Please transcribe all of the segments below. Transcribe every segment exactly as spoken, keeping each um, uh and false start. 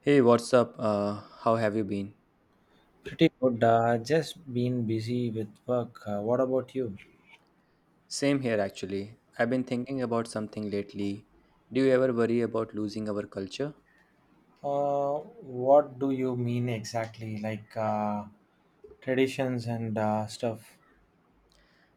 Hey, what's up? Uh, how have you been? Pretty good. Uh, just been busy with work. Uh, what about you? Same here, actually. I've been thinking about something lately. Do you ever worry about losing our culture? Uh, what do you mean exactly? Like uh, traditions and uh, stuff.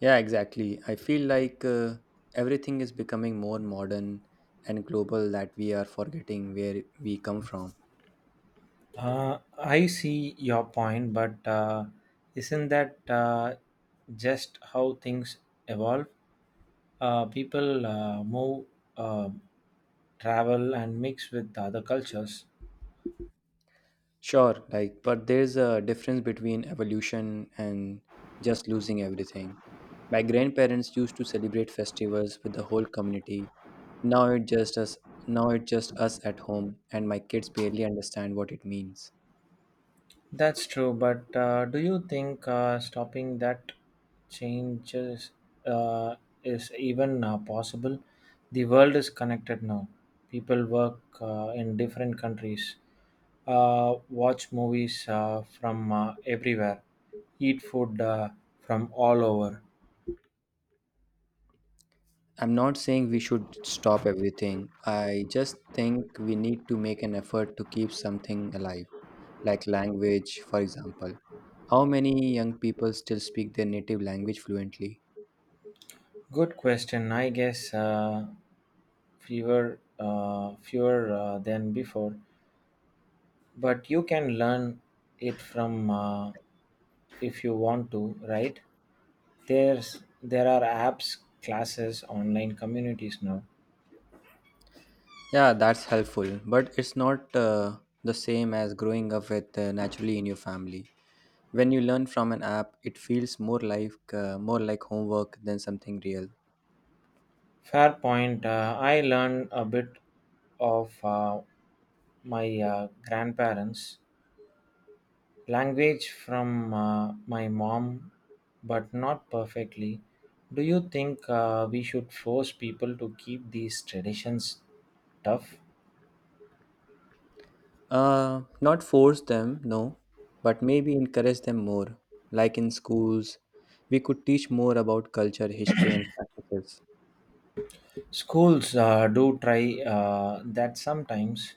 Yeah, exactly. I feel like uh, everything is becoming more modern and global that we are forgetting where we come from. Uh, I see your point, but uh, isn't that uh, just how things evolve? Uh, people uh, move, uh, travel, and mix with other cultures. Sure, like, but there's a difference between evolution and just losing everything. My grandparents used to celebrate festivals with the whole community. Now it just us Now it's just us at home and my kids barely understand what it means. That's true, but uh, do you think uh, stopping that changes uh, is even uh, possible? The world is connected now. People work uh, in different countries, uh, watch movies uh, from uh, everywhere, eat food uh, from all over. I'm not saying we should stop everything. I just think we need to make an effort to keep something alive, like language, for example. How many young people still speak their native language fluently? Good question. I guess uh, fewer, uh, fewer uh, than before. But you can learn it from uh, if you want to, right? There's there are apps, classes, online communities now. Yeah, that's helpful, but it's not uh, the same as growing up with uh, naturally in your family. When you learn from an app, it feels more like uh, more like homework than something real. Fair point. uh, i learned a bit of uh, my uh, grandparents' language from uh, my mom, but not perfectly. Do you think uh, we should force people to keep these traditions tough? Uh, not force them, no, but maybe encourage them more. Like in schools, we could teach more about culture, history, and practices. Schools uh, do try uh, that sometimes.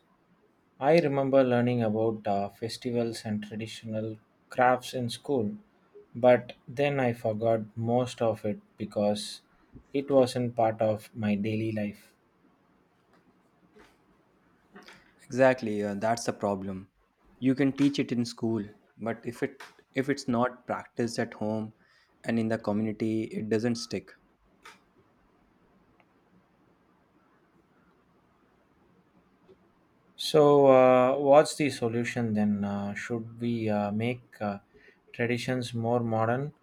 I remember learning about uh, festivals and traditional crafts in school, but then I forgot most of it because it wasn't part of my daily life. Exactly, uh, that's the problem. You can teach it in school, but if it if it's not practiced at home and in the community, it doesn't stick. So, uh, what's the solution then? Uh, should we uh, make uh, traditions more modern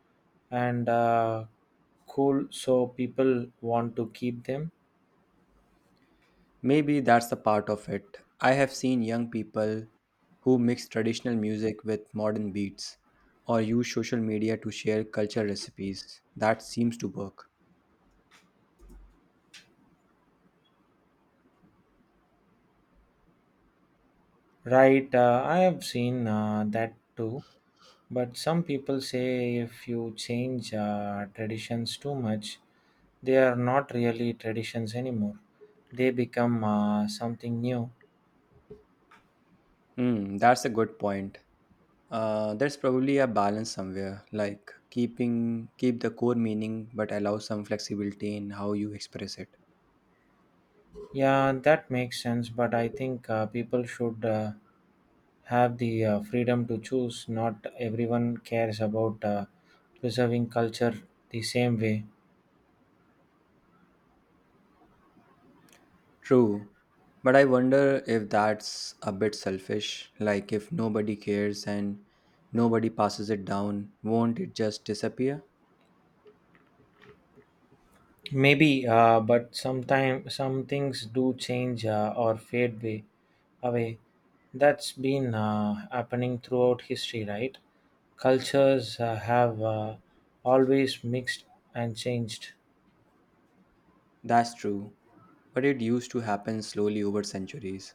and uh, cool so people want to keep them? Maybe that's a part of it. I have seen young people who mix traditional music with modern beats or use social media to share culture recipes. That seems to work. Right, uh, I have seen uh, that too. But some people say if you change uh, traditions too much, they are not really traditions anymore. They become uh, something new. Hmm, that's a good point. Uh, there's probably a balance somewhere, like keeping keep the core meaning but allow some flexibility in how you express it. Yeah, that makes sense, but I think uh, people should uh, have the uh, freedom to choose. Not everyone cares about uh, preserving culture the same way. True, but I wonder if that's a bit selfish. Like if nobody cares and nobody passes it down, won't it just disappear? Maybe, uh, but sometime some things do change uh, or fade way, away. That's been uh, happening throughout history, right? Cultures uh, have uh, always mixed and changed. That's true, but it used to happen slowly over centuries.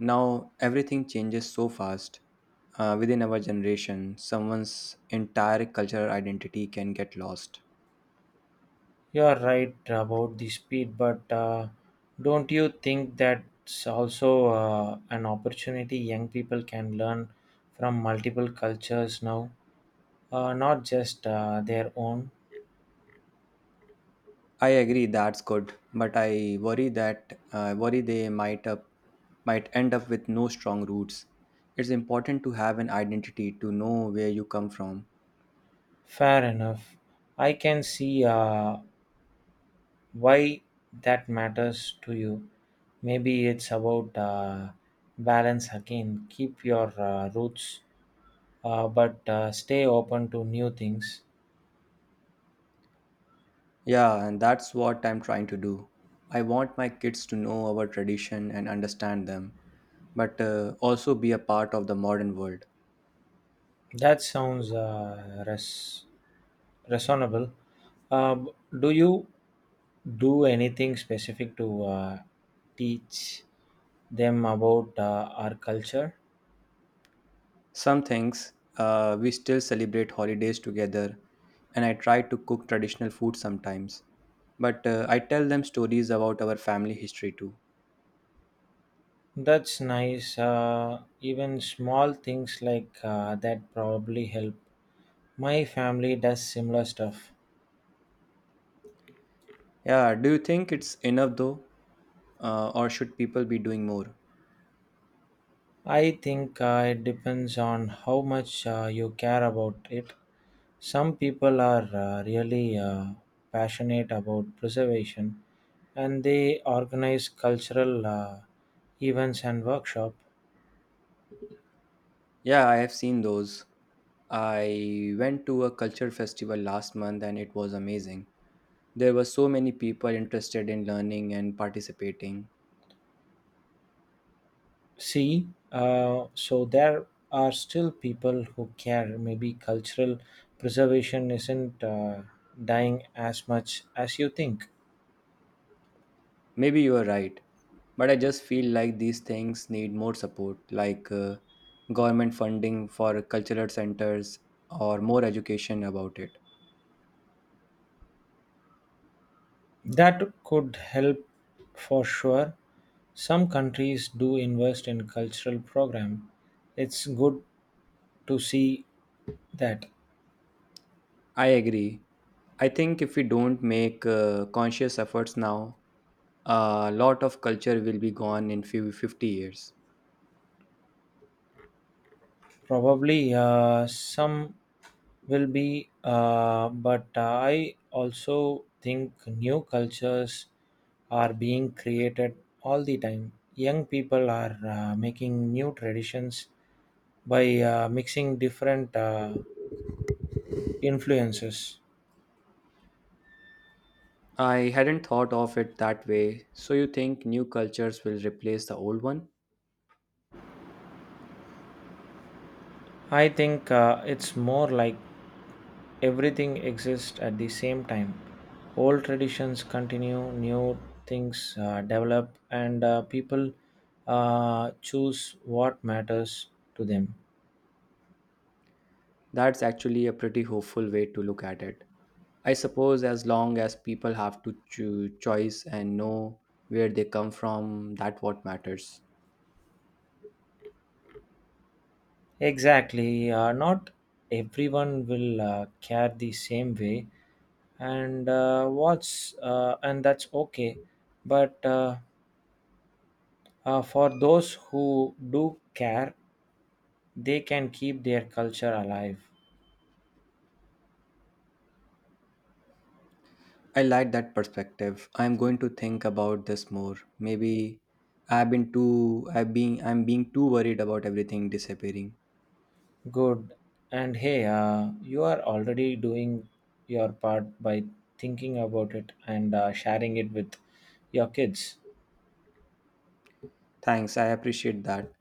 Now everything changes so fast. Uh, within our generation, someone's entire cultural identity can get lost. You are right about the speed, but uh, don't you think that's also uh, an opportunity? Young people can learn from multiple cultures now, uh, not just uh, their own. I agree that's good, but I worry that uh, worry they might up might end up with no strong roots. It's important to have an identity to know where you come from. Fair enough. I can see uh, why that matters to you. Maybe it's about uh, balance again. Keep your uh, roots uh, but uh, stay open to new things. Yeah, and that's what I'm trying to do. I want my kids to know our tradition and understand them. but uh, also be a part of the modern world. That sounds uh, res- reasonable. Uh, b- do you do anything specific to uh, teach them about uh, our culture? Some things uh, we still celebrate holidays together, and I try to cook traditional food sometimes, but uh, I tell them stories about our family history too. That's nice. Uh, even small things like uh, that probably help. My family does similar stuff. Yeah, do you think it's enough though, uh, or should people be doing more? I think uh, it depends on how much uh, you care about it. Some people are uh, really uh, passionate about preservation, and they organize cultural uh, events and workshop. Yeah, I have seen those. I went to a culture festival last month and it was amazing. There were so many people interested in learning and participating. See, uh, so there are still people who care. Maybe cultural preservation isn't uh, dying as much as you think. Maybe you are right, but I just feel like these things need more support, like uh, government funding for cultural centers or more education about it. That could help for sure. Some countries do invest in cultural program. It's good to see that. I agree. I think if we don't make uh, conscious efforts now, a lot of culture will be gone in few fifty years. Probably uh, some will be, uh, but uh, I also think new cultures are being created all the time. Young people are uh, making new traditions by uh, mixing different uh, influences. I hadn't thought of it that way. So you think new cultures will replace the old one? I think uh, it's more like everything exists at the same time. Old traditions continue, new things uh, develop, and uh, people uh, choose what matters to them. That's actually a pretty hopeful way to look at it. I suppose as long as people have to choose choice and know where they come from, that what matters. Exactly. Uh, not everyone will uh, care the same way, and uh, what's uh, and that's okay. But uh, uh, For those who do care, they can keep their culture alive. I like that perspective. I'm going to think about this more. Maybe I've been too I've been I'm being too worried about everything disappearing. Good. And hey, uh, you are already doing your part by thinking about it and uh, sharing it with your kids. Thanks, I appreciate that.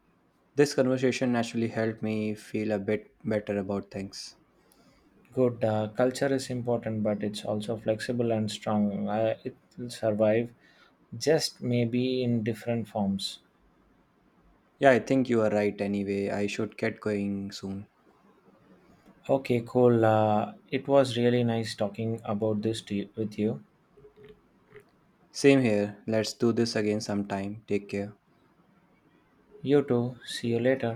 This conversation actually helped me feel a bit better about things. Good. Uh, culture is important, but it's also flexible and strong. Uh, it will survive, just maybe in different forms. Yeah, I think you are right anyway. I should get going soon. Okay, cool. Uh, it was really nice talking about this to you, with you. Same here. Let's do this again sometime. Take care. You too. See you later.